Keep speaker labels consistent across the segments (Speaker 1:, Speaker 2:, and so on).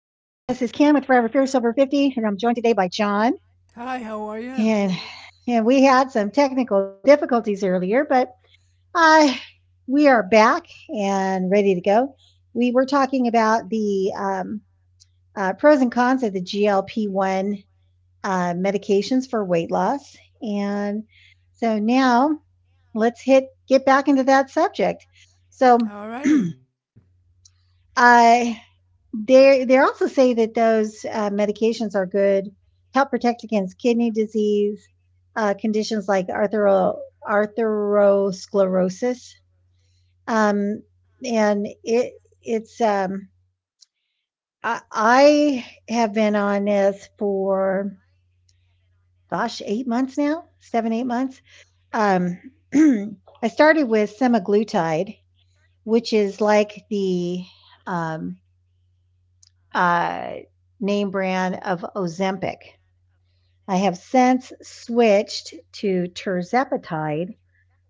Speaker 1: with Forever Fierce Over 50, and I'm joined today by John.
Speaker 2: Hi, how are you?
Speaker 1: And and we had some technical difficulties earlier, but uh, we are back and ready to go. We were talking about the pros and cons of the GLP 1 medications for weight loss. And so now let's hit get back into that subject. So,
Speaker 2: All righty.
Speaker 1: I they also say that those medications are good help protect against kidney disease, conditions like arthrosclerosis, um, and it's I have been on this for gosh 8 months now, seven 8 months. Um, I started with semaglutide, which is like the um, uh, name brand of Ozempic. I have since switched to Tirzepatide,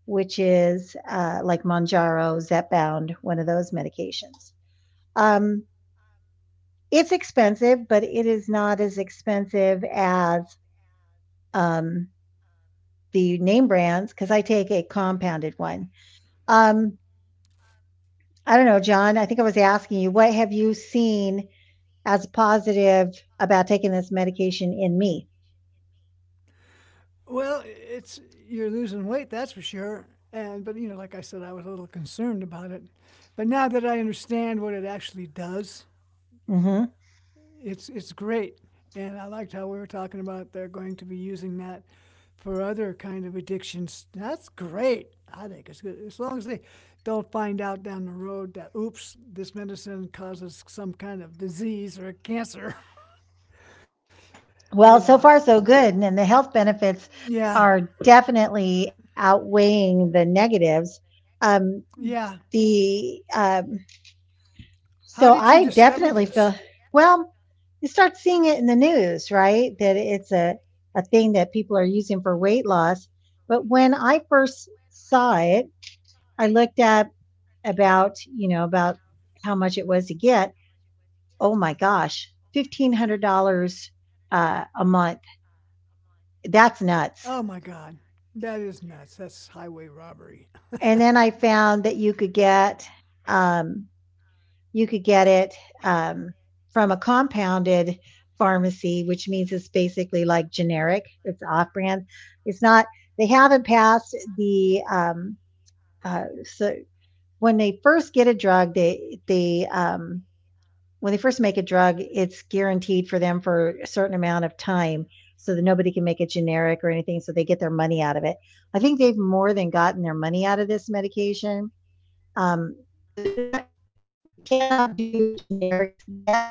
Speaker 1: which is like Monjaro, Zepbound, one of those medications. Um, it's expensive, but it is not as expensive as um, the name brands because I take a compounded one. Um, I don't know, John. I think I was asking you, what have you seen as positive about taking this medication in me?
Speaker 2: Well, it's you're losing weight, that's for sure. And but you know, like I said, I was a little concerned about it. But now that I understand what it actually does,
Speaker 1: Mm hmm
Speaker 2: it's great. And I liked how we were talking about they're going to be using that for other kind of addictions. That's great. I think it's good as long as they don't find out down the road that oops, this medicine causes some kind of disease or cancer. You know,
Speaker 1: Well, so far so good. And the health benefits
Speaker 2: yeah,
Speaker 1: are definitely outweighing the negatives. Um,
Speaker 2: yeah.
Speaker 1: the
Speaker 2: How
Speaker 1: so
Speaker 2: did you
Speaker 1: I
Speaker 2: discover
Speaker 1: definitely
Speaker 2: this?
Speaker 1: feel well. You start seeing it in the news, right? That it's a thing that people are using for weight loss. But when I first saw it, I looked up about you know about how much it was to get. Oh my gosh, $1,500 a month. That's
Speaker 2: Oh
Speaker 1: nuts.
Speaker 2: my God. That is nuts. That's highway robbery.
Speaker 1: And then I found that um, you could get it um, from a compounded pharmacy, which means it's basically like generic. It's off brand. It's not. They haven't passed the so when they first get a drug, they when they first make a drug, it's guaranteed for them for a certain amount of time, so that nobody can make it generic or anything. So they get their money out of it. I think they've more than gotten their money out of this medication, um, so they're not, they cannot do generics yet,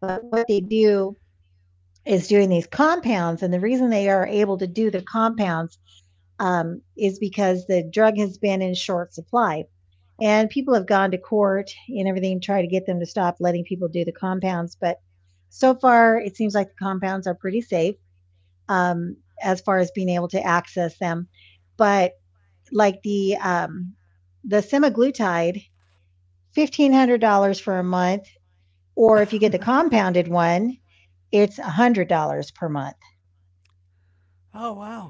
Speaker 1: but what they do is doing these compounds. And the reason they are able to do the compounds, is because the drug has been in short supply. And people have gone to court and everything, try to get them to stop letting people do the compounds. But so far, it seems like the compounds are pretty safe um, as far as being able to access them. But like the semaglutide $1,500 for a month, or if you get
Speaker 2: Oh
Speaker 1: the
Speaker 2: my God.
Speaker 1: compounded one, it's $100 per month.
Speaker 2: Oh wow.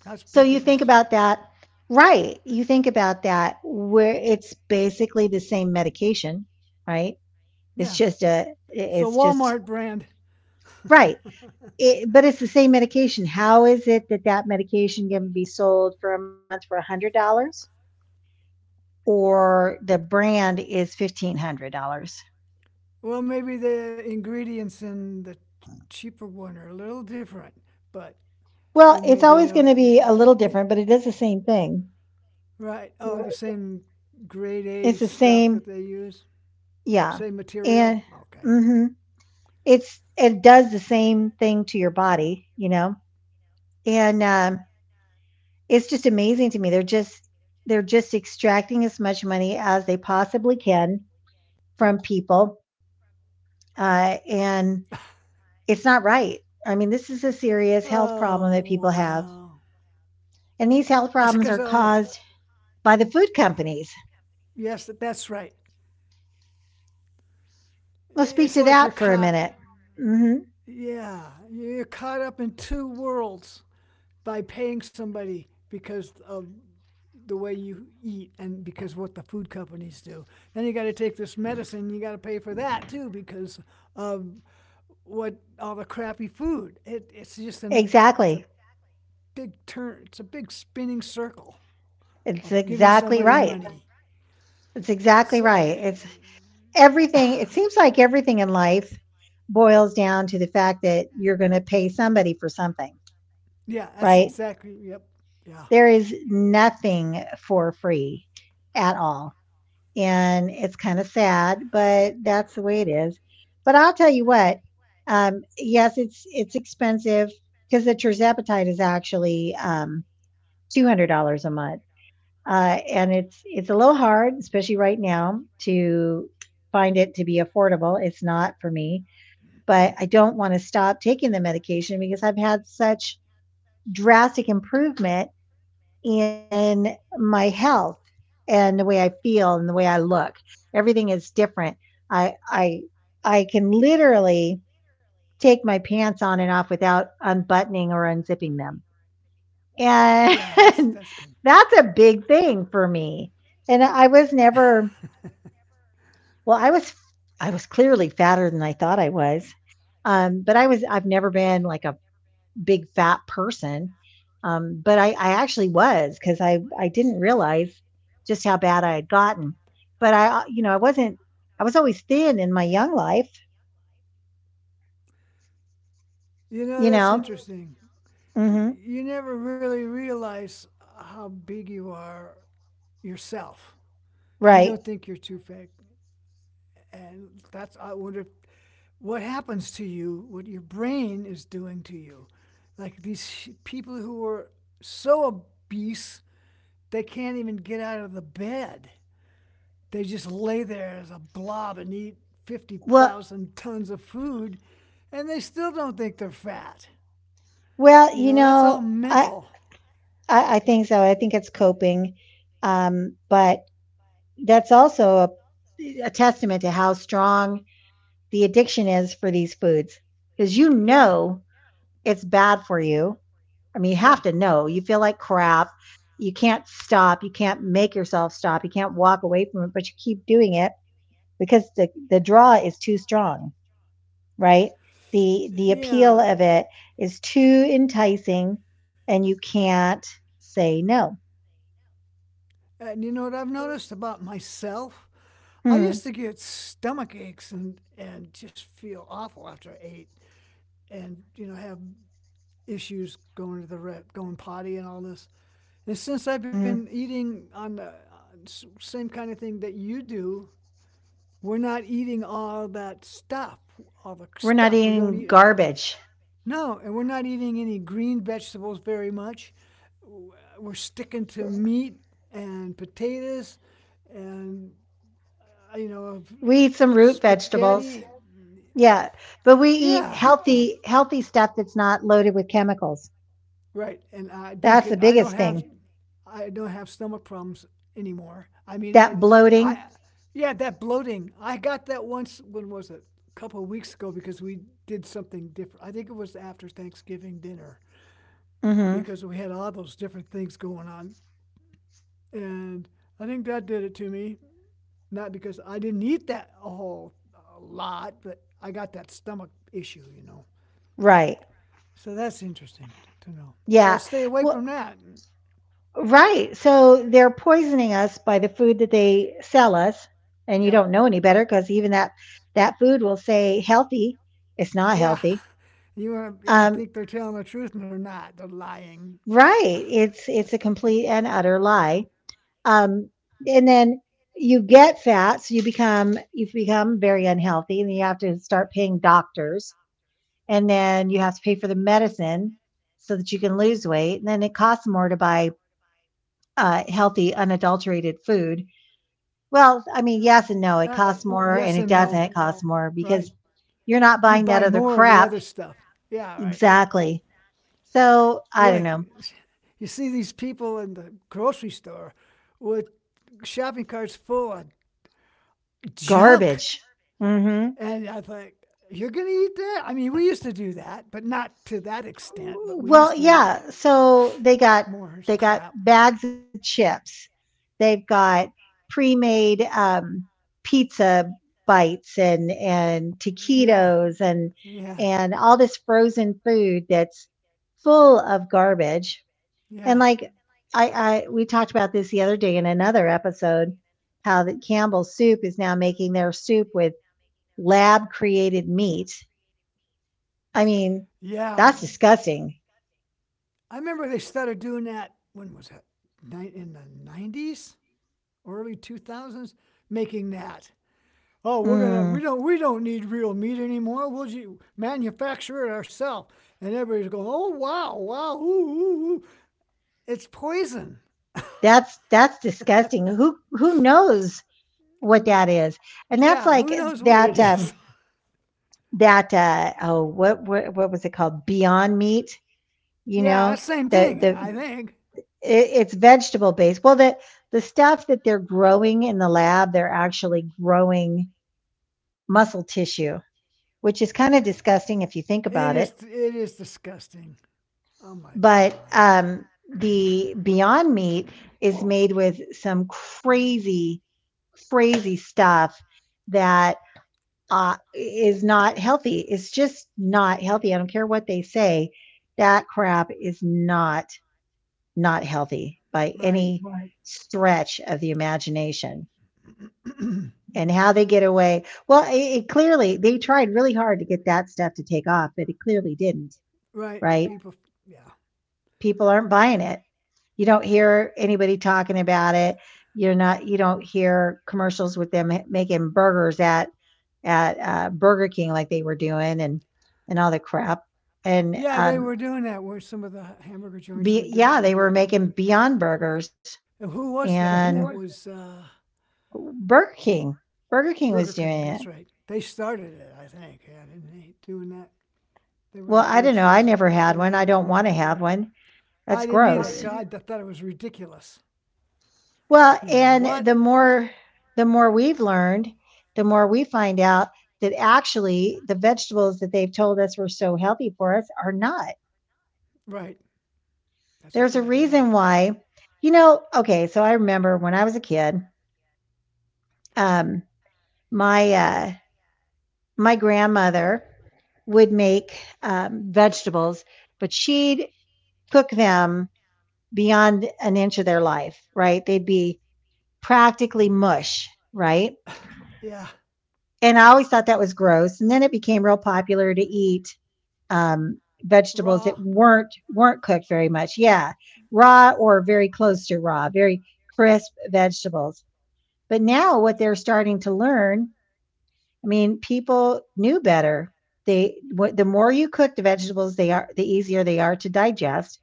Speaker 2: That's a
Speaker 1: So
Speaker 2: big
Speaker 1: you think
Speaker 2: difference.
Speaker 1: about that, right? You think about that where it's basically the same medication, right? It's
Speaker 2: Yeah.
Speaker 1: just a,
Speaker 2: It's the
Speaker 1: it's just,
Speaker 2: Walmart brand.
Speaker 1: right. It, but it's the same medication. How is it that that medication can be sold for a month for $100 or the brand is $1,500?
Speaker 2: Well, maybe the ingredients in the cheaper one are a little different, but
Speaker 1: Well,
Speaker 2: in
Speaker 1: it's
Speaker 2: maybe they
Speaker 1: always going to be
Speaker 2: don't.
Speaker 1: a little different, but it is the same thing.
Speaker 2: Right. Oh, the same grade A
Speaker 1: It's the
Speaker 2: stuff
Speaker 1: same.
Speaker 2: that they use,
Speaker 1: Yeah.
Speaker 2: same material.
Speaker 1: And
Speaker 2: Okay.
Speaker 1: mhm, It's it does the same thing to your body, you know? And it's just amazing to me. They're just extracting as much money as they possibly can from people, and it's not right. I mean, this is a serious health
Speaker 2: Oh
Speaker 1: problem that people have,
Speaker 2: wow.
Speaker 1: and these health
Speaker 2: That's
Speaker 1: problems
Speaker 2: because
Speaker 1: are
Speaker 2: all the,
Speaker 1: caused by the food
Speaker 2: yeah,
Speaker 1: companies.
Speaker 2: yes, that's right.
Speaker 1: Let's speak
Speaker 2: It's
Speaker 1: to
Speaker 2: like you're
Speaker 1: that for a
Speaker 2: caught.
Speaker 1: minute. Mhm.
Speaker 2: Yeah, you're caught up in two worlds by paying somebody because of the way you eat and because what the food companies do. Then you got to take this medicine. You got to pay for that too because of what all the crappy food. It's just an it's a
Speaker 1: Exactly.
Speaker 2: big turn. It's a big spinning circle
Speaker 1: It's
Speaker 2: of giving
Speaker 1: exactly
Speaker 2: somebody
Speaker 1: right.
Speaker 2: money.
Speaker 1: It's exactly
Speaker 2: So
Speaker 1: right.
Speaker 2: eh,
Speaker 1: It's everything. It seems like everything in life boils down to the fact that you're going to pay somebody for something,
Speaker 2: yeah, that's
Speaker 1: right?
Speaker 2: exactly. Yep. Yeah.
Speaker 1: There is nothing for free at all, and it's kind of sad, but that's the way it is. But I'll tell you what, yes, it's expensive because the terzepatide is actually, $200 a month, and it's a little hard, especially right now, to find it to be affordable. It's not for me, but I don't want to stop taking the medication because I've had such drastic improvement in my health and the way I feel and the way I look. Everything is different. I I I can literally take my pants on and off without unbuttoning or unzipping them. And
Speaker 2: Yeah, that's good.
Speaker 1: that's a big thing for me. And I was never, well, I was, I was clearly fatter than I thought I was. But I was, I've never been like a big fat person. But I actually was, because I didn't realize just how bad I had gotten. But I, you know, I wasn't, I was always thin in my young life,
Speaker 2: You
Speaker 1: you
Speaker 2: know, that's
Speaker 1: know?
Speaker 2: interesting.
Speaker 1: Hmm.
Speaker 2: You never really realize how big you are yourself. You
Speaker 1: Right.
Speaker 2: don't think you're too big, and that's I wonder what happens to you, what your brain is doing to you. Like these people who are so obese, they can't even get out of the bed. They just lay there as a blob and eat
Speaker 1: Well,
Speaker 2: 50,000 tons of food, and they still don't think they're fat.
Speaker 1: well,
Speaker 2: You
Speaker 1: you
Speaker 2: know, that's all
Speaker 1: know, I,
Speaker 2: mental.
Speaker 1: I think so. I think it's coping. But that's also a testament to how strong the addiction is for these foods, because you
Speaker 2: Yeah.
Speaker 1: know it's bad for you. I mean, you have
Speaker 2: Yeah.
Speaker 1: to know. You feel like crap. You can't stop. You can't make yourself stop. You can't walk away from it, but you keep doing it because the draw is too strong, right? The appeal
Speaker 2: Yeah.
Speaker 1: of it is too enticing, and you can't say no.
Speaker 2: And you know what I've noticed about myself? I used
Speaker 1: Hmm.
Speaker 2: to get stomach aches and just feel awful after I ate and, you know, have issues going to the rep, going potty and all this. And since I've
Speaker 1: Hmm.
Speaker 2: been eating on the same kind of thing that you do, we're not eating all that stuff, all the
Speaker 1: We're not
Speaker 2: stuff. We don't
Speaker 1: eating
Speaker 2: eat,
Speaker 1: garbage.
Speaker 2: no, and we're not eating any green vegetables very much. We're sticking to meat and potatoes and, you know,
Speaker 1: We eat some root vegetables.
Speaker 2: spaghetti.
Speaker 1: Yeah, but we eat
Speaker 2: Yeah,
Speaker 1: healthy stuff that's not loaded with chemicals.
Speaker 2: right. And I don't
Speaker 1: That's the
Speaker 2: get,
Speaker 1: biggest thing.
Speaker 2: I don't have stomach problems anymore. I mean,
Speaker 1: That
Speaker 2: I,
Speaker 1: bloating.
Speaker 2: yeah, that bloating. I got that once. When was it? A couple of weeks ago because we did something different. I think it was after Thanksgiving dinner because we had all those different things going on, and I think that did it to me. Not because I didn't eat that a whole a lot, but I got that stomach issue, you know.
Speaker 1: Right.
Speaker 2: So that's interesting to know. So I
Speaker 1: Yeah.
Speaker 2: stay away
Speaker 1: Well,
Speaker 2: from that.
Speaker 1: right. So they're poisoning us by the food that they sell us, and you
Speaker 2: Yep.
Speaker 1: don't know any better because even that that food will say healthy. It's not
Speaker 2: Yeah.
Speaker 1: healthy.
Speaker 2: You want you
Speaker 1: Um,
Speaker 2: think they're telling the truth and they're not. They're lying.
Speaker 1: right. It's a complete and utter lie. Um, and then you get fat, so you become, you've become very unhealthy, and you have to start paying doctors, and then you have to pay for the medicine so that you can lose weight, and then it costs more to buy healthy, unadulterated food. Well, I mean, yes and no. It
Speaker 2: Uh,
Speaker 1: costs more and
Speaker 2: yes
Speaker 1: it
Speaker 2: and no.
Speaker 1: doesn't cost more because
Speaker 2: Right.
Speaker 1: you're not
Speaker 2: You
Speaker 1: buying
Speaker 2: buy
Speaker 1: that other
Speaker 2: more of the other
Speaker 1: crap.
Speaker 2: stuff. Yeah, right.
Speaker 1: Exactly. So
Speaker 2: We
Speaker 1: I don't
Speaker 2: like
Speaker 1: know.
Speaker 2: you see these people in the grocery store with shopping carts full of junk.
Speaker 1: Garbage. Mm-hmm.
Speaker 2: And I thought, you're going to eat that? I mean, we used to do that, but not to that extent, but we
Speaker 1: Well,
Speaker 2: used to eat
Speaker 1: yeah. So they got
Speaker 2: more crap.
Speaker 1: bags of chips. They've got pre-made, pizza bites and
Speaker 2: Yeah.
Speaker 1: taquitos
Speaker 2: Yeah.
Speaker 1: and all this frozen food that's full of garbage. And
Speaker 2: Yeah.
Speaker 1: like I, I we talked about this the other day in another episode, how that Campbell's soup is now making their soup with lab created meat. I mean,
Speaker 2: Yeah.
Speaker 1: that's disgusting.
Speaker 2: I remember they started doing that, when was that? In the 90s, early 2000s, making that. Oh,
Speaker 1: Mm,
Speaker 2: we don't need real meat anymore. Manufacture it ourselves. And everybody's going, oh wow, wow, ooh, ooh, ooh. It's poison.
Speaker 1: that's disgusting. Who knows what that is? And that's
Speaker 2: Yeah,
Speaker 1: like
Speaker 2: who knows what it
Speaker 1: that
Speaker 2: is?
Speaker 1: that uh oh, what was it called? Beyond meat, you
Speaker 2: yeah,
Speaker 1: know?
Speaker 2: that's the same thing,
Speaker 1: The
Speaker 2: I think.
Speaker 1: it, it's vegetable based. Well, the stuff that they're growing in the lab, they're actually growing muscle tissue, which is kind of disgusting if you think about it.
Speaker 2: It is disgusting. Oh my
Speaker 1: But
Speaker 2: god.
Speaker 1: the Beyond Meat is made with some crazy stuff that is not healthy. It's just not healthy. I don't care what they say. That crap is not healthy by
Speaker 2: Right,
Speaker 1: any stretch of the imagination. And how they get away? Well, it clearly they tried really hard to get that stuff to take off, but it clearly didn't.
Speaker 2: right.
Speaker 1: Right?
Speaker 2: People, yeah,
Speaker 1: People aren't buying it. You don't hear anybody talking about it. You're not. You don't hear commercials with them making burgers at Burger King like they were doing and all the crap. And
Speaker 2: yeah. They were doing that where some of the hamburger joints were
Speaker 1: be, yeah, they were
Speaker 2: going.
Speaker 1: making Beyond Burgers
Speaker 2: And who was
Speaker 1: and
Speaker 2: that? That was
Speaker 1: Burger King. Burger King
Speaker 2: Burger
Speaker 1: was
Speaker 2: King.
Speaker 1: doing it.
Speaker 2: That's right. They started it, I think. Yeah, didn't they? Doing that. They were the
Speaker 1: Well, I don't
Speaker 2: first
Speaker 1: know. I
Speaker 2: ones
Speaker 1: never
Speaker 2: up
Speaker 1: had
Speaker 2: and
Speaker 1: one. I
Speaker 2: running with
Speaker 1: don't
Speaker 2: it.
Speaker 1: want to have one.
Speaker 2: I
Speaker 1: That's
Speaker 2: didn't either.
Speaker 1: gross.
Speaker 2: God, I thought it was ridiculous.
Speaker 1: Well,
Speaker 2: You know what?
Speaker 1: and the more we've learned, the more we find out that actually the vegetables that they've told us were so healthy for us are not.
Speaker 2: Right. That's
Speaker 1: There's a
Speaker 2: exactly right.
Speaker 1: reason why. You know, okay, so I remember when I was a kid, um, my uh, my grandmother would make vegetables, but she'd cook them beyond an inch of their life, right? They'd be practically mush, right?
Speaker 2: Yeah.
Speaker 1: And I always thought that was gross. And then it became real popular to eat vegetables that
Speaker 2: Raw.
Speaker 1: weren't cooked very much. Yeah, raw or very close to raw, very crisp vegetables. But now what they're starting to learn, I mean, people knew better. They what, the more you cook the vegetables, they are the easier they are to digest,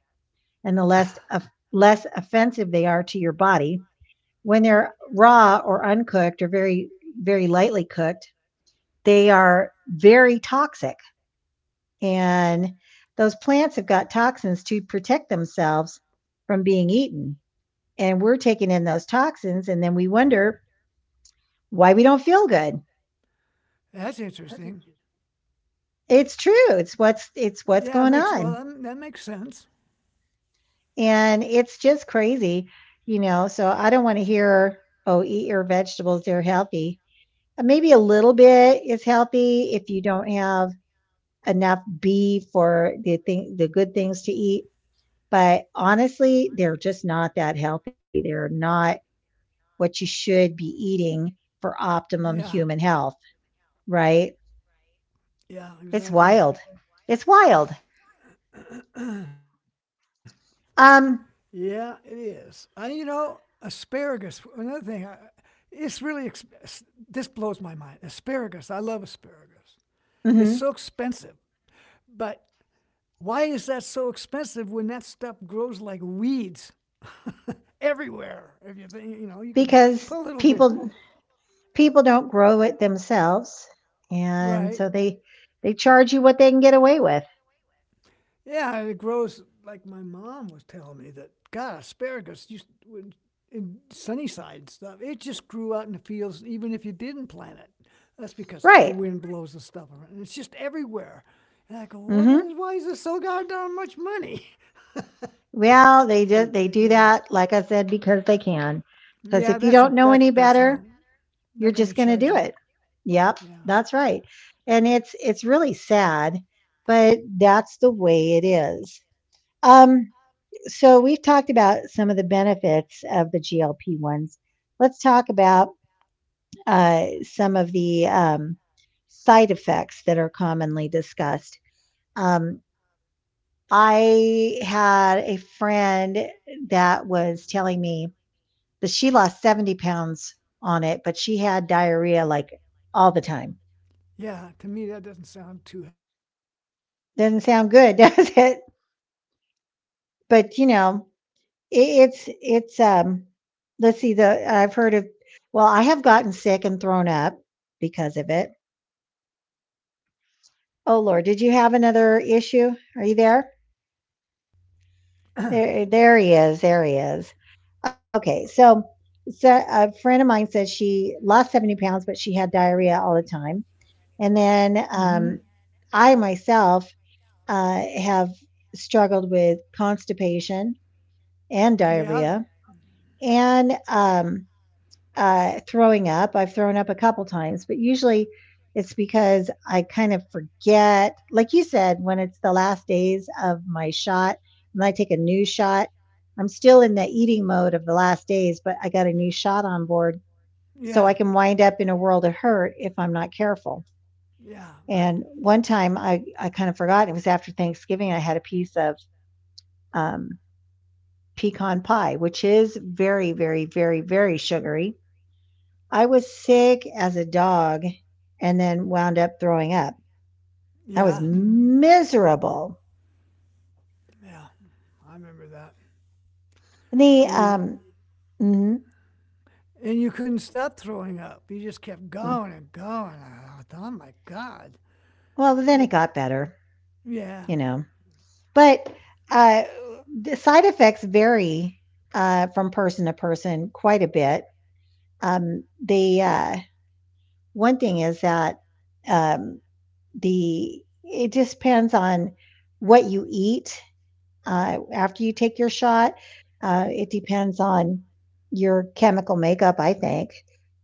Speaker 1: and the less of, less offensive they are to your body. When they're raw or uncooked or very lightly cooked, they are very toxic, and those plants have got toxins to protect themselves from being eaten, and we're taking in those toxins and then we wonder why we don't feel good.
Speaker 2: That's interesting.
Speaker 1: It's true. It's what's
Speaker 2: Yeah, it
Speaker 1: going
Speaker 2: makes
Speaker 1: on.
Speaker 2: well that makes sense.
Speaker 1: And it's just crazy, you know? So I don't want to hear, oh, eat your vegetables, they're healthy. Maybe a little bit is healthy if you don't have enough b for the good things to eat. But honestly, they're just not that healthy. They're not what you should be eating for optimum
Speaker 2: Yeah.
Speaker 1: human health, right?
Speaker 2: Yeah,
Speaker 1: It's
Speaker 2: exactly.
Speaker 1: wild. It's wild.
Speaker 2: Yeah, it
Speaker 1: Um,
Speaker 2: is. You know, asparagus. Another thing, it's really this blows my mind. Asparagus. I love asparagus. It's so
Speaker 1: mhm,
Speaker 2: expensive, but why is that so expensive when that stuff grows like weeds everywhere? If you think, you know, you could put a
Speaker 1: because
Speaker 2: little bit,
Speaker 1: people don't grow it themselves, and
Speaker 2: right?
Speaker 1: so they charge you what they can get away with,
Speaker 2: Yeah, it grows like my mom was telling me that God asparagus used in Sunnyside and stuff. It just grew out in the fields even if you didn't plant it. That's because the
Speaker 1: right?
Speaker 2: wind blows the stuff around. And it's just everywhere. And I go, well,
Speaker 1: hmm
Speaker 2: then why is this so goddamn much money? it's
Speaker 1: Well, they do
Speaker 2: ridiculous.
Speaker 1: that, like I said, because they can. Because
Speaker 2: Yeah,
Speaker 1: if you don't know any
Speaker 2: that's all.
Speaker 1: better, you're
Speaker 2: They're gonna
Speaker 1: just going to
Speaker 2: charge
Speaker 1: do
Speaker 2: you.
Speaker 1: it. Yep,
Speaker 2: Yeah,
Speaker 1: that's right. And it's really sad, but that's the way it is. Um, so we've talked about some of the benefits of the GLP ones. Let's talk about some of the side effects that are commonly discussed. Um, I had a friend that was telling me that she lost 70 pounds on it, but she had diarrhea like all the time.
Speaker 2: yeah. To me, that doesn't sound too
Speaker 1: Doesn't sound good, does it? But you know, it, it's it's. Let's see. The I've heard of. Well, I have gotten sick and thrown up because of it. Oh Lord, did you have another issue? Are you there? There he is. There he is. Okay, so a friend of mine said she lost 70 pounds, but she had diarrhea all the time. And then I myself have struggled with constipation and diarrhea and throwing up. I've thrown up a couple times, but usually it's because I kind of forget. Like you said, when it's the last days of my shot and I take a new shot, I'm still in the eating mode of the last days, but I got a new shot on board. So I can wind up in a world of hurt if I'm not careful. And one time I kind of forgot. It was after Thanksgiving. I had a piece of um, pecan pie, which is very, very, very, very sugary. I was sick as a dog and then wound up throwing up. I was miserable. The, mhm, mm. Well, then it got better, you know. But, uh, the side effects vary, from person to person quite a bit. Um, the, uh, one thing is that, um, the it just depends on what you eat after you take your shot. Uh, it depends on your chemical makeup, I think.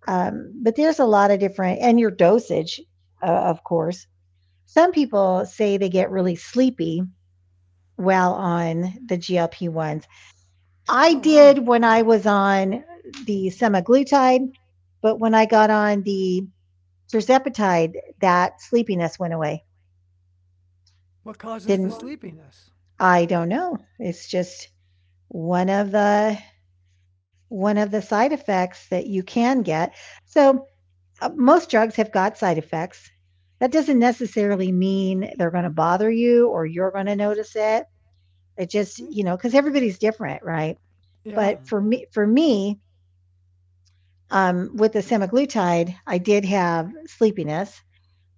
Speaker 1: But there's a lot of different, and your dosage, of course. Some people say they get really sleepy while on the GLP ones. I did when I was on the semaglutide, but when I got on the tirzepatide, that sleepiness went away. Didn't I? Don't know. It's just one of the one of the side effects that you can get. So, most drugs have got side effects. That doesn't necessarily mean they're gonna bother you or you're gonna notice it. It just, you know, because everybody's different, right? But for me, with the semaglutide, I did have sleepiness,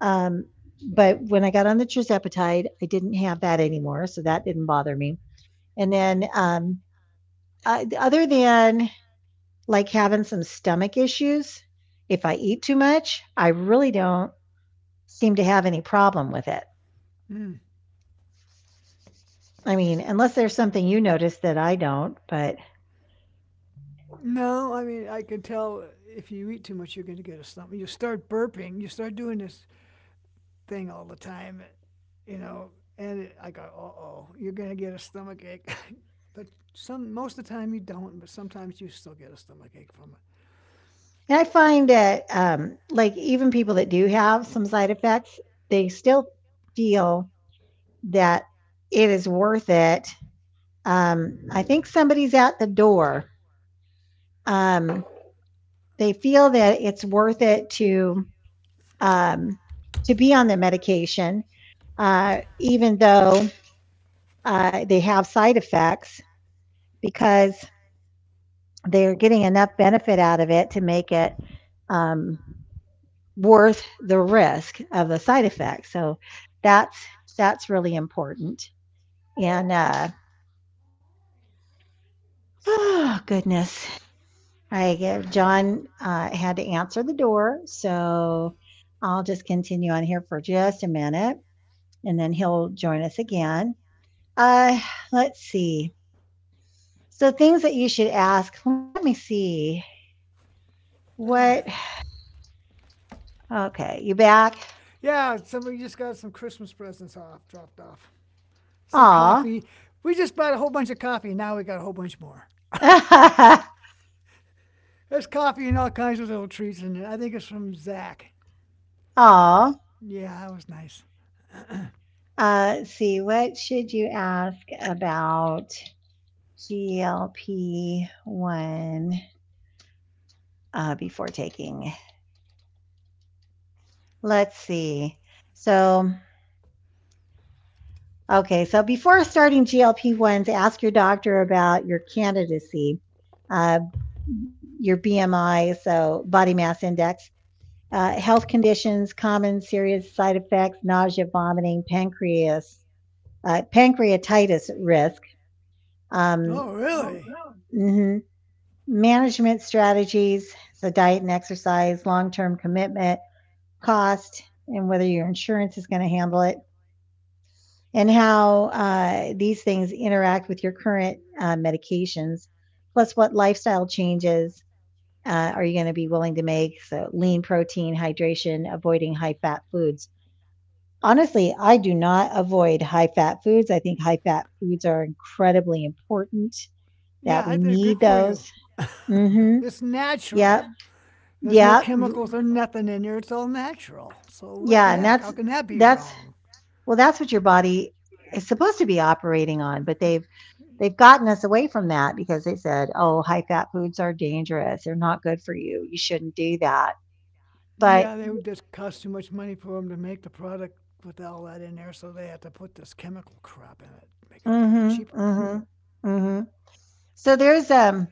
Speaker 1: um, but when I got on the tirzepatide, I didn't have that anymore, so that didn't bother me. And then, other than like having some stomach issues. If I eat too much, I really don't seem to have any problem with it. I mean, unless there's something you notice that I don't, but and I find that like even people that do have some side effects, they still feel that it is worth it. I think somebody's at the door. Um, they feel that it's worth it um, to be on the medication, even though they have side effects because they're getting enough benefit out of it to make it um, worth the risk of the side effects. So that's that's really important. And oh goodness, I give John had to answer the door, so I'll just continue on here for just a minute, and then he'll join us again. Uh, let's see. So things that you should ask. Let me see what Okay, you back? Aw. Aw. See, what should you ask about GLP 1 before taking? Let's see. So, okay, so before starting GLP 1s, ask your doctor about your candidacy, uh, your BMI, so body mass index, health conditions, common serious side effects, nausea, vomiting, pancreas pancreatitis risk, um, mhm, management strategies, so diet and exercise, long term commitment, cost, and whether your insurance is going to handle it, and how these things interact with your current medications, plus what lifestyle changes. Are you going to be willing to make so lean protein, hydration, avoiding high fat foods? Honestly, I do not avoid high fat foods. I think high fat foods are incredibly important that we need those. Mm-hmm. Yep. Yep. Yeah. And that's, well, that's what your body is supposed to be operating on, but they've gotten us away from that because they said, oh, high fat foods are dangerous. They're not good for you. You shouldn't do that. But, mm hmm mm hmm mm hmm so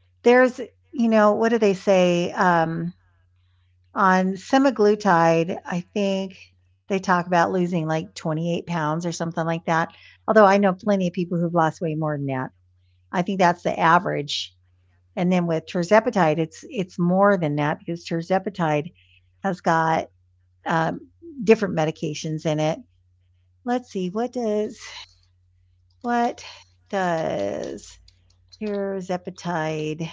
Speaker 1: there's, you know, what do they say? On semaglutide, I think they talk about losing like 28 pounds or something like that, although I know plenty of people who've lost way more than that. I think that's the average, and then with tirzepatide, it's more than that because tirzepatide has got, um, different medications in it. Let's see, what does tirzepatide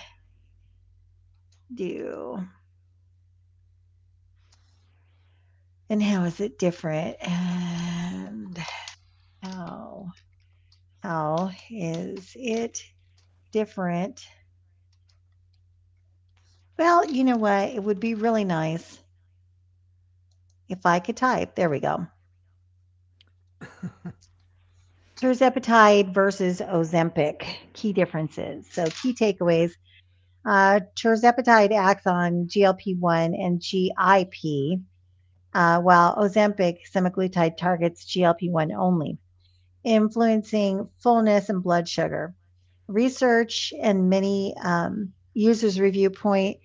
Speaker 1: do, and how is it different, and how How is it different? Well, you know what? It would be really nice if I could type. There we go. Tirzepatide versus Ozempic key differences. So, key takeaways, Tirzepatide acts on GLP 1 and GIP, while Ozempic semaglutide targets GLP 1 only, influencing fullness and blood sugar. Research and many users' review point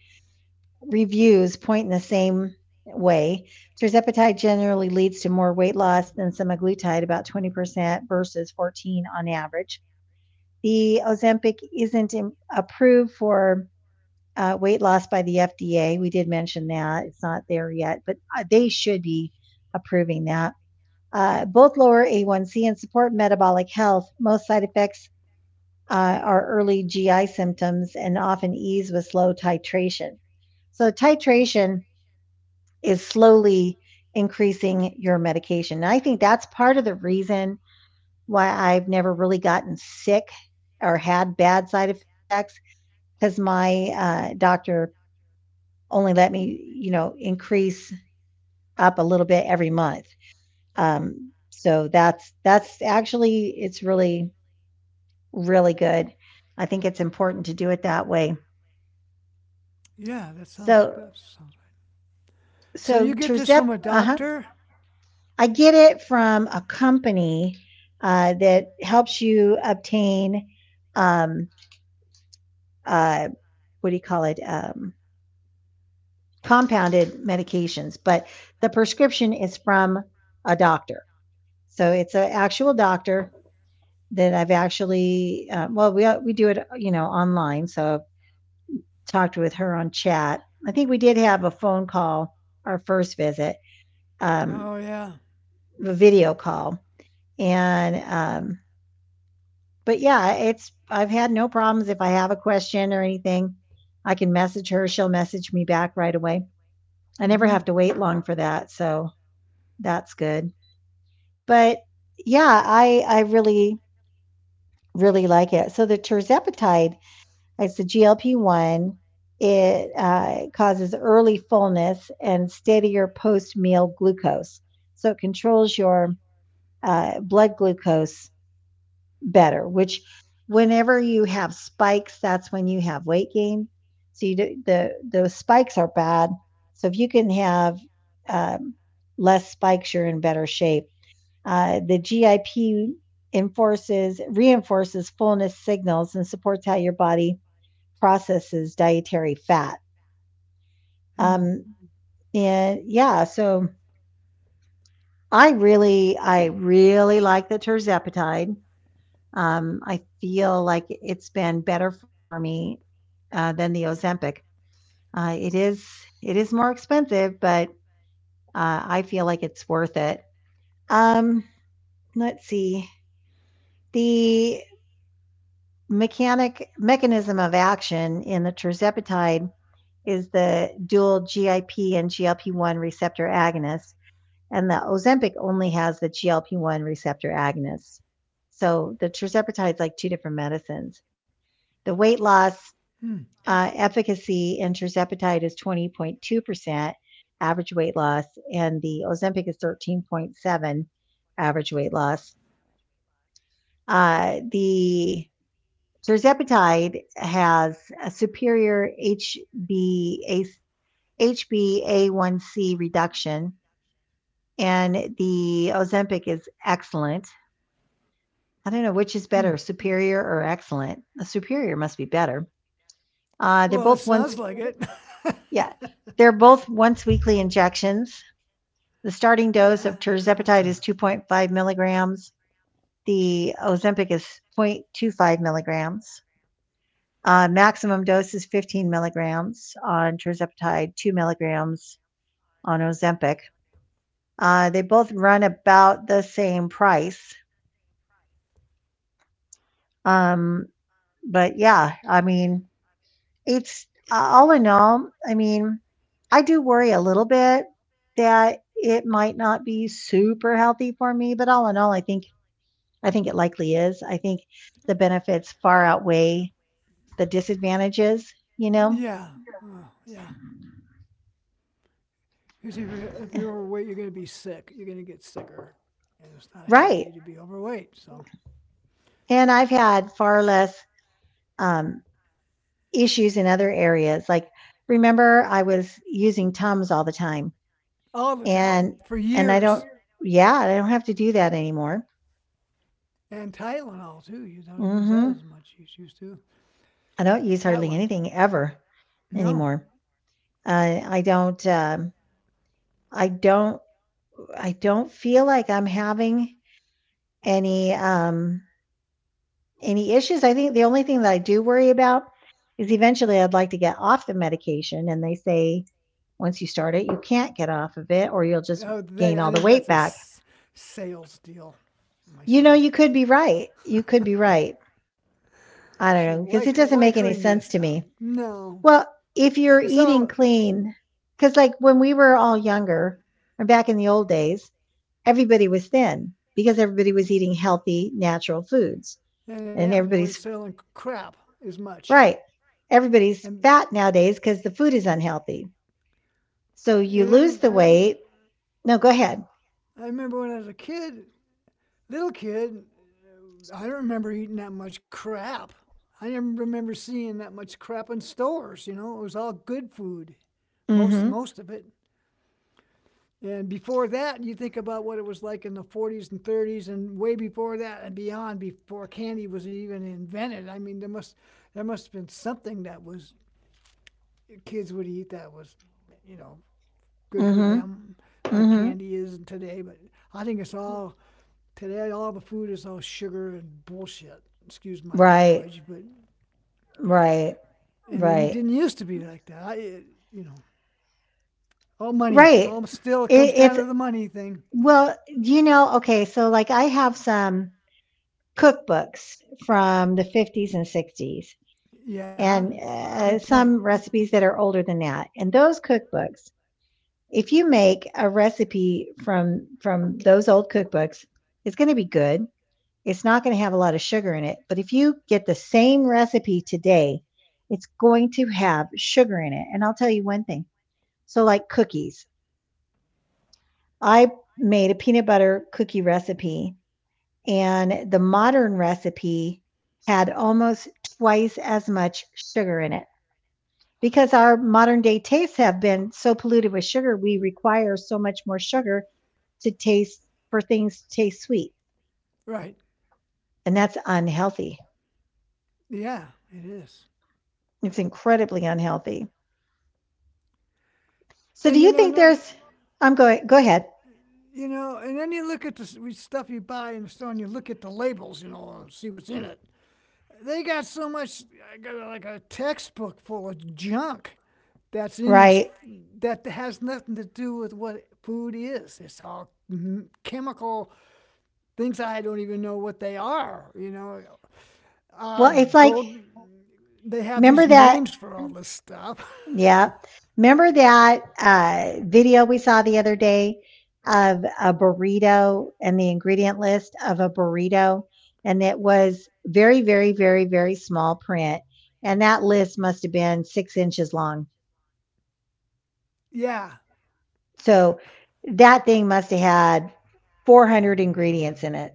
Speaker 1: reviews point in the same way. Tirzepatide generally leads to more weight loss than semaglutide, about 20% versus 14 on average. The Ozempic isn't im- approved for weight loss by the FDA. We did mention that it's not there yet, but they should be approving that. Both lower A1C and support metabolic health. Most side effects are early GI symptoms and often ease with slow titration. So, titration is slowly increasing your medication. And I think that's part of the reason why I've never really gotten sick or had bad side effects because my doctor only let me, you know, increase up a little bit every month. So that's actually it's really really good. I think it's important to do it that way. So so Terzep, uh huh. I get it from a company that helps you obtain um, uh, what do you call it? Compounded medications, but the prescription is from a doctor. So it's an actual doctor that I've actually. Well, we do it, you know, online. So I've talked with her on chat. I think we did have a phone call our first visit, um, a video call, and but yeah, it's I've had no problems if I have a question or anything. I can message her, she'll message me back right away. I never have to wait long for that, so that's good. But yeah, I really like it. So the terzepatide, it's the GLP-1. It causes early fullness and steadier post-meal glucose. So it controls your blood glucose better, which whenever you have spikes, that's when you have weight gain. So you do, the those spikes are bad. So if you can have um, less spikes, you're in better shape. The GIP enforces reinforces fullness signals and supports how your body processes dietary fat. Um, and yeah, so I really like the terzepatide. I feel like it's been better for me, than the Ozempic. Uh, it is it is more expensive, but, I feel like it's worth it. Um, let's see. The mechanic mechanism of action in the tirzepatide is the dual GIP and GLP-1 receptor agonist, and the Ozempic only has the GLP-1 receptor agonist. So, the tirzepatide's like 2 different medicines. The weight loss efficacy in tirzepatide is 20.2% average weight loss, and the Ozempic is 13.7 average weight loss. The tirzepatide has a superior HbA1c reduction, and the Ozempic is excellent. I don't know which is better, superior or excellent. The superior must be better. Uh, they're both once, yeah, they're both once weekly injections. The starting dose of tirzepatide is 2.5 milligrams. The Ozempic is 0.25 milligrams. Maximum dose is 15 milligrams on tirzepatide, 2 milligrams on Ozempic. They both run about the same price. Um, but yeah, I mean, it's all in all, I mean, I do worry a little bit that it might not be super healthy for me, but all in all, I think it likely is. I think the benefits far outweigh the disadvantages, you know? Eh, right. And I've had far less um, issues in other areas. Like, remember, I was using Tums all the time, and and I don't, yeah, I don't have to do that anymore. hmm I don't use hardly anything ever anymore. I don't. I don't. I don't feel like I'm having any. Um, any issues. I think the only thing that I do worry about is eventually I'd like to get off the medication. And they say once you start it, you can't get off of it or you'll just gain all the weight back. You know, you could be right. You could be right. I don't know because it doesn't make any sense to me. Well, if you're eating clean, because like when we were all younger or back in the old days, everybody was thin because everybody was eating healthy, natural foods and everybody's. Right. Everybody's fat nowadays because the food is unhealthy. So you lose the weight. No, go ahead. Mm-hmm. Mm-hmm. Mm-hmm. Right. Right. Right. Right. It's well, okay, so like I have some cookbooks from the 50s and 60s and some recipes that are older than that. And those cookbooks, if you make a recipe from those old cookbooks, it's going to be good. It's not going to have a lot of sugar in it, but if you get the same recipe today, it's going to have sugar in it. And I'll tell you one thing. So, like cookies, I made a peanut butter cookie recipe, and the modern recipe had almost twice as much sugar in it, because our modern day tastes have been so polluted with sugar. We require so much more sugar to taste for things to taste sweet, and that's unhealthy. It's incredibly unhealthy. So, do you think there's I'm going go ahead. Right. Well, it's like remember that yeah. Remember that video we saw the other day of a burrito and the ingredient list of a burrito, and it was very very very very small print, and that list must have been 6 inches long. So that thing must have had 400 ingredients in it,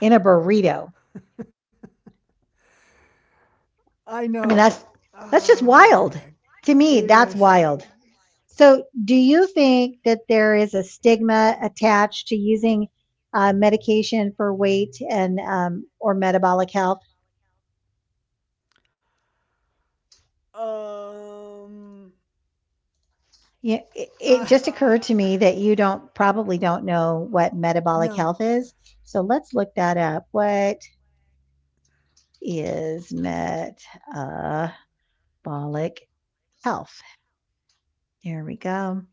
Speaker 1: in a burrito. I mean that's just wild. To me, that's wild. So, do you think that there is a stigma attached to using medication for weight and or metabolic health? Yeah, it just occurred to me that you don't probably don't know what metabolic health is. So let's look that up. What is metabolic health? There we go.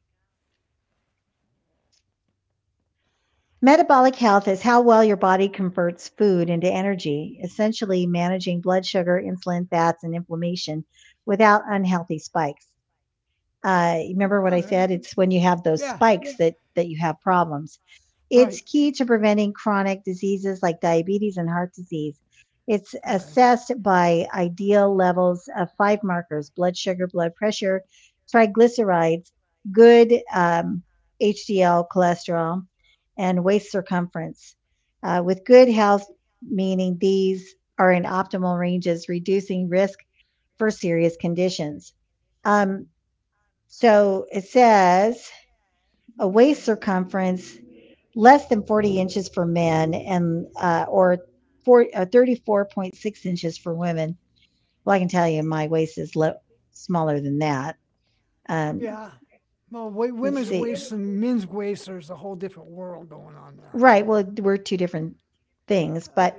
Speaker 1: Metabolic health is how well your body converts food into energy, essentially managing blood sugar, insulin, fats, and inflammation without unhealthy spikes. Remember what I said? It's when you have those spikes that you have problems. It's key to preventing chronic diseases like diabetes and heart disease. It's assessed by ideal levels of five markers: blood sugar, blood pressure, triglycerides, good HDL cholesterol, and waist circumference. With good health, meaning these are in optimal ranges, reducing risk for serious conditions. Um, so, it says a waist circumference less than 40 inches for men and or 34.6 inches for women. Well, I can tell you my waist is smaller than that. Um, let's see. Right. Well, we're two different things. But,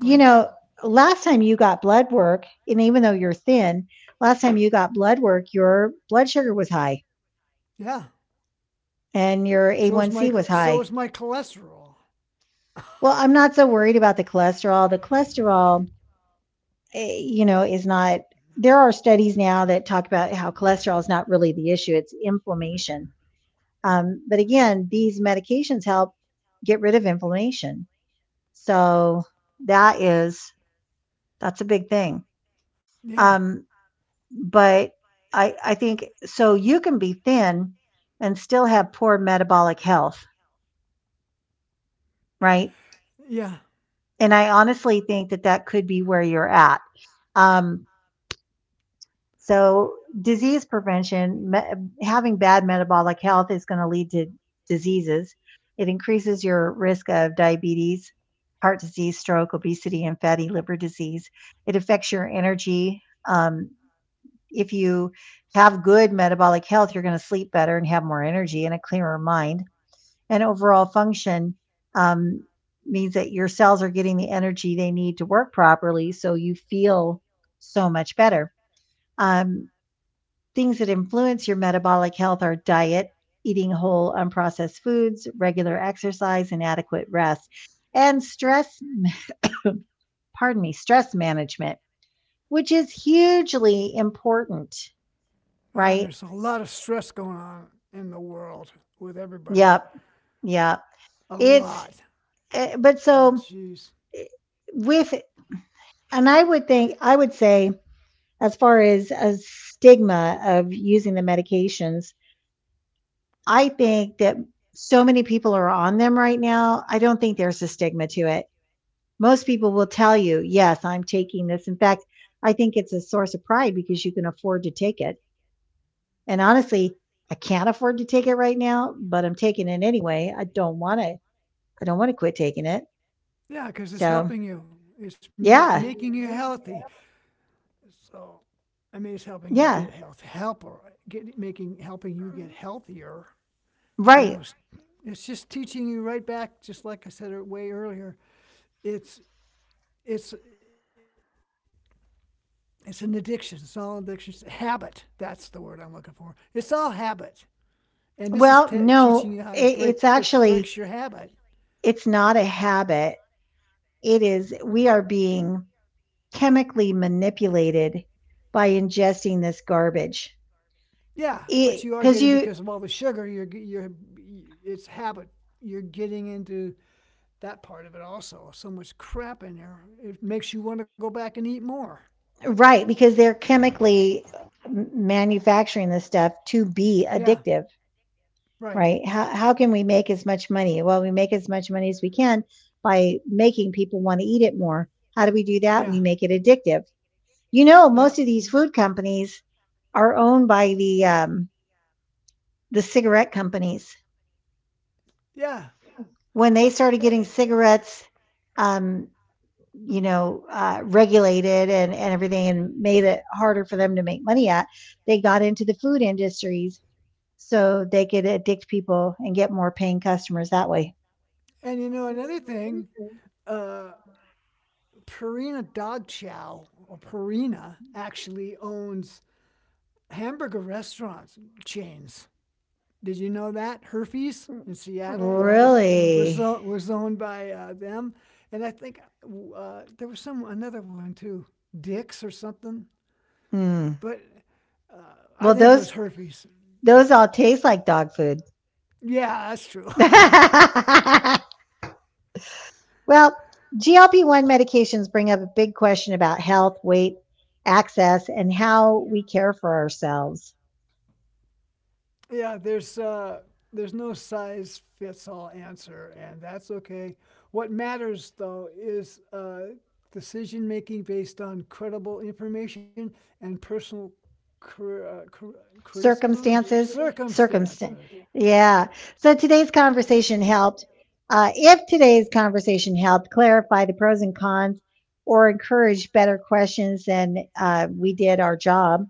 Speaker 1: you know, last time you got blood work, and even though you're thin, last time you got blood work, your blood sugar was high and your A1C was high. Well, I'm not so worried about the cholesterol. The cholesterol is not. There are studies now that talk about how cholesterol is not really the issue; it's inflammation. But again, these medications help get rid of inflammation. So that is that's a big thing. Um, but I think so. You can be thin and still have poor metabolic health, right? And I honestly think that that could be where you're at. Um, So, disease prevention, having bad metabolic health is going to lead to diseases. It increases your risk of diabetes, heart disease, stroke, obesity, and fatty liver disease. It affects your energy. Um, if you have good metabolic health, you're going to sleep better and have more energy and a clearer mind. And overall function um, means that your cells are getting the energy they need to work properly. So, you feel so much better. Um, Things that influence your metabolic health are diet, eating whole, unprocessed foods, regular exercise, and adequate rest, and pardon me, stress management, which is hugely important, right? Yep. Yep. It's, eh, but so eh, with, and I would think, I would say, as far as a stigma of using the medications, I think that so many people are on them right now. I don't think there's a stigma to it. Most people will tell you, "Yes, I'm taking this." In fact, I think it's a source of pride because you can afford to take it. And honestly, I can't afford to take it right now, but I'm taking it anyway. I don't want to quit taking it. So, yeah. Yeah, right. Well, no, it's actually, it's not a habit. It is we are being chemically manipulated by ingesting this garbage. Because you Right, because they're chemically manufacturing this stuff to be addictive, right? How can we make as much money? Well, we make as much money as we can by making people want to eat it more. How do we do that? We make it addictive. You know, most of these food companies are owned by the cigarette companies. When they started getting cigarettes, um, regulated and everything, and made it harder for them to make money at, they got into the food industries so they could addict people and get more paying customers that way. Really? Mm. Well, those all taste like dog food. Well, GLP 1 medications bring up a big question about health, weight, access, and how we care for ourselves. Circumstances, Circumstance. Yeah. So today's conversation helped. If today's conversation helped clarify the pros and cons or encourage better questions, then we did our job.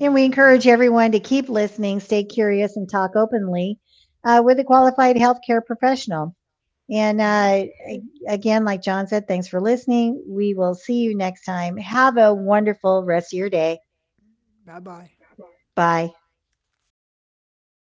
Speaker 1: And we encourage everyone to keep listening, stay curious, and talk openly with a qualified healthcare professional. And again, like John said, thanks for listening. We will see you next time. Have a wonderful rest of your day. Bye.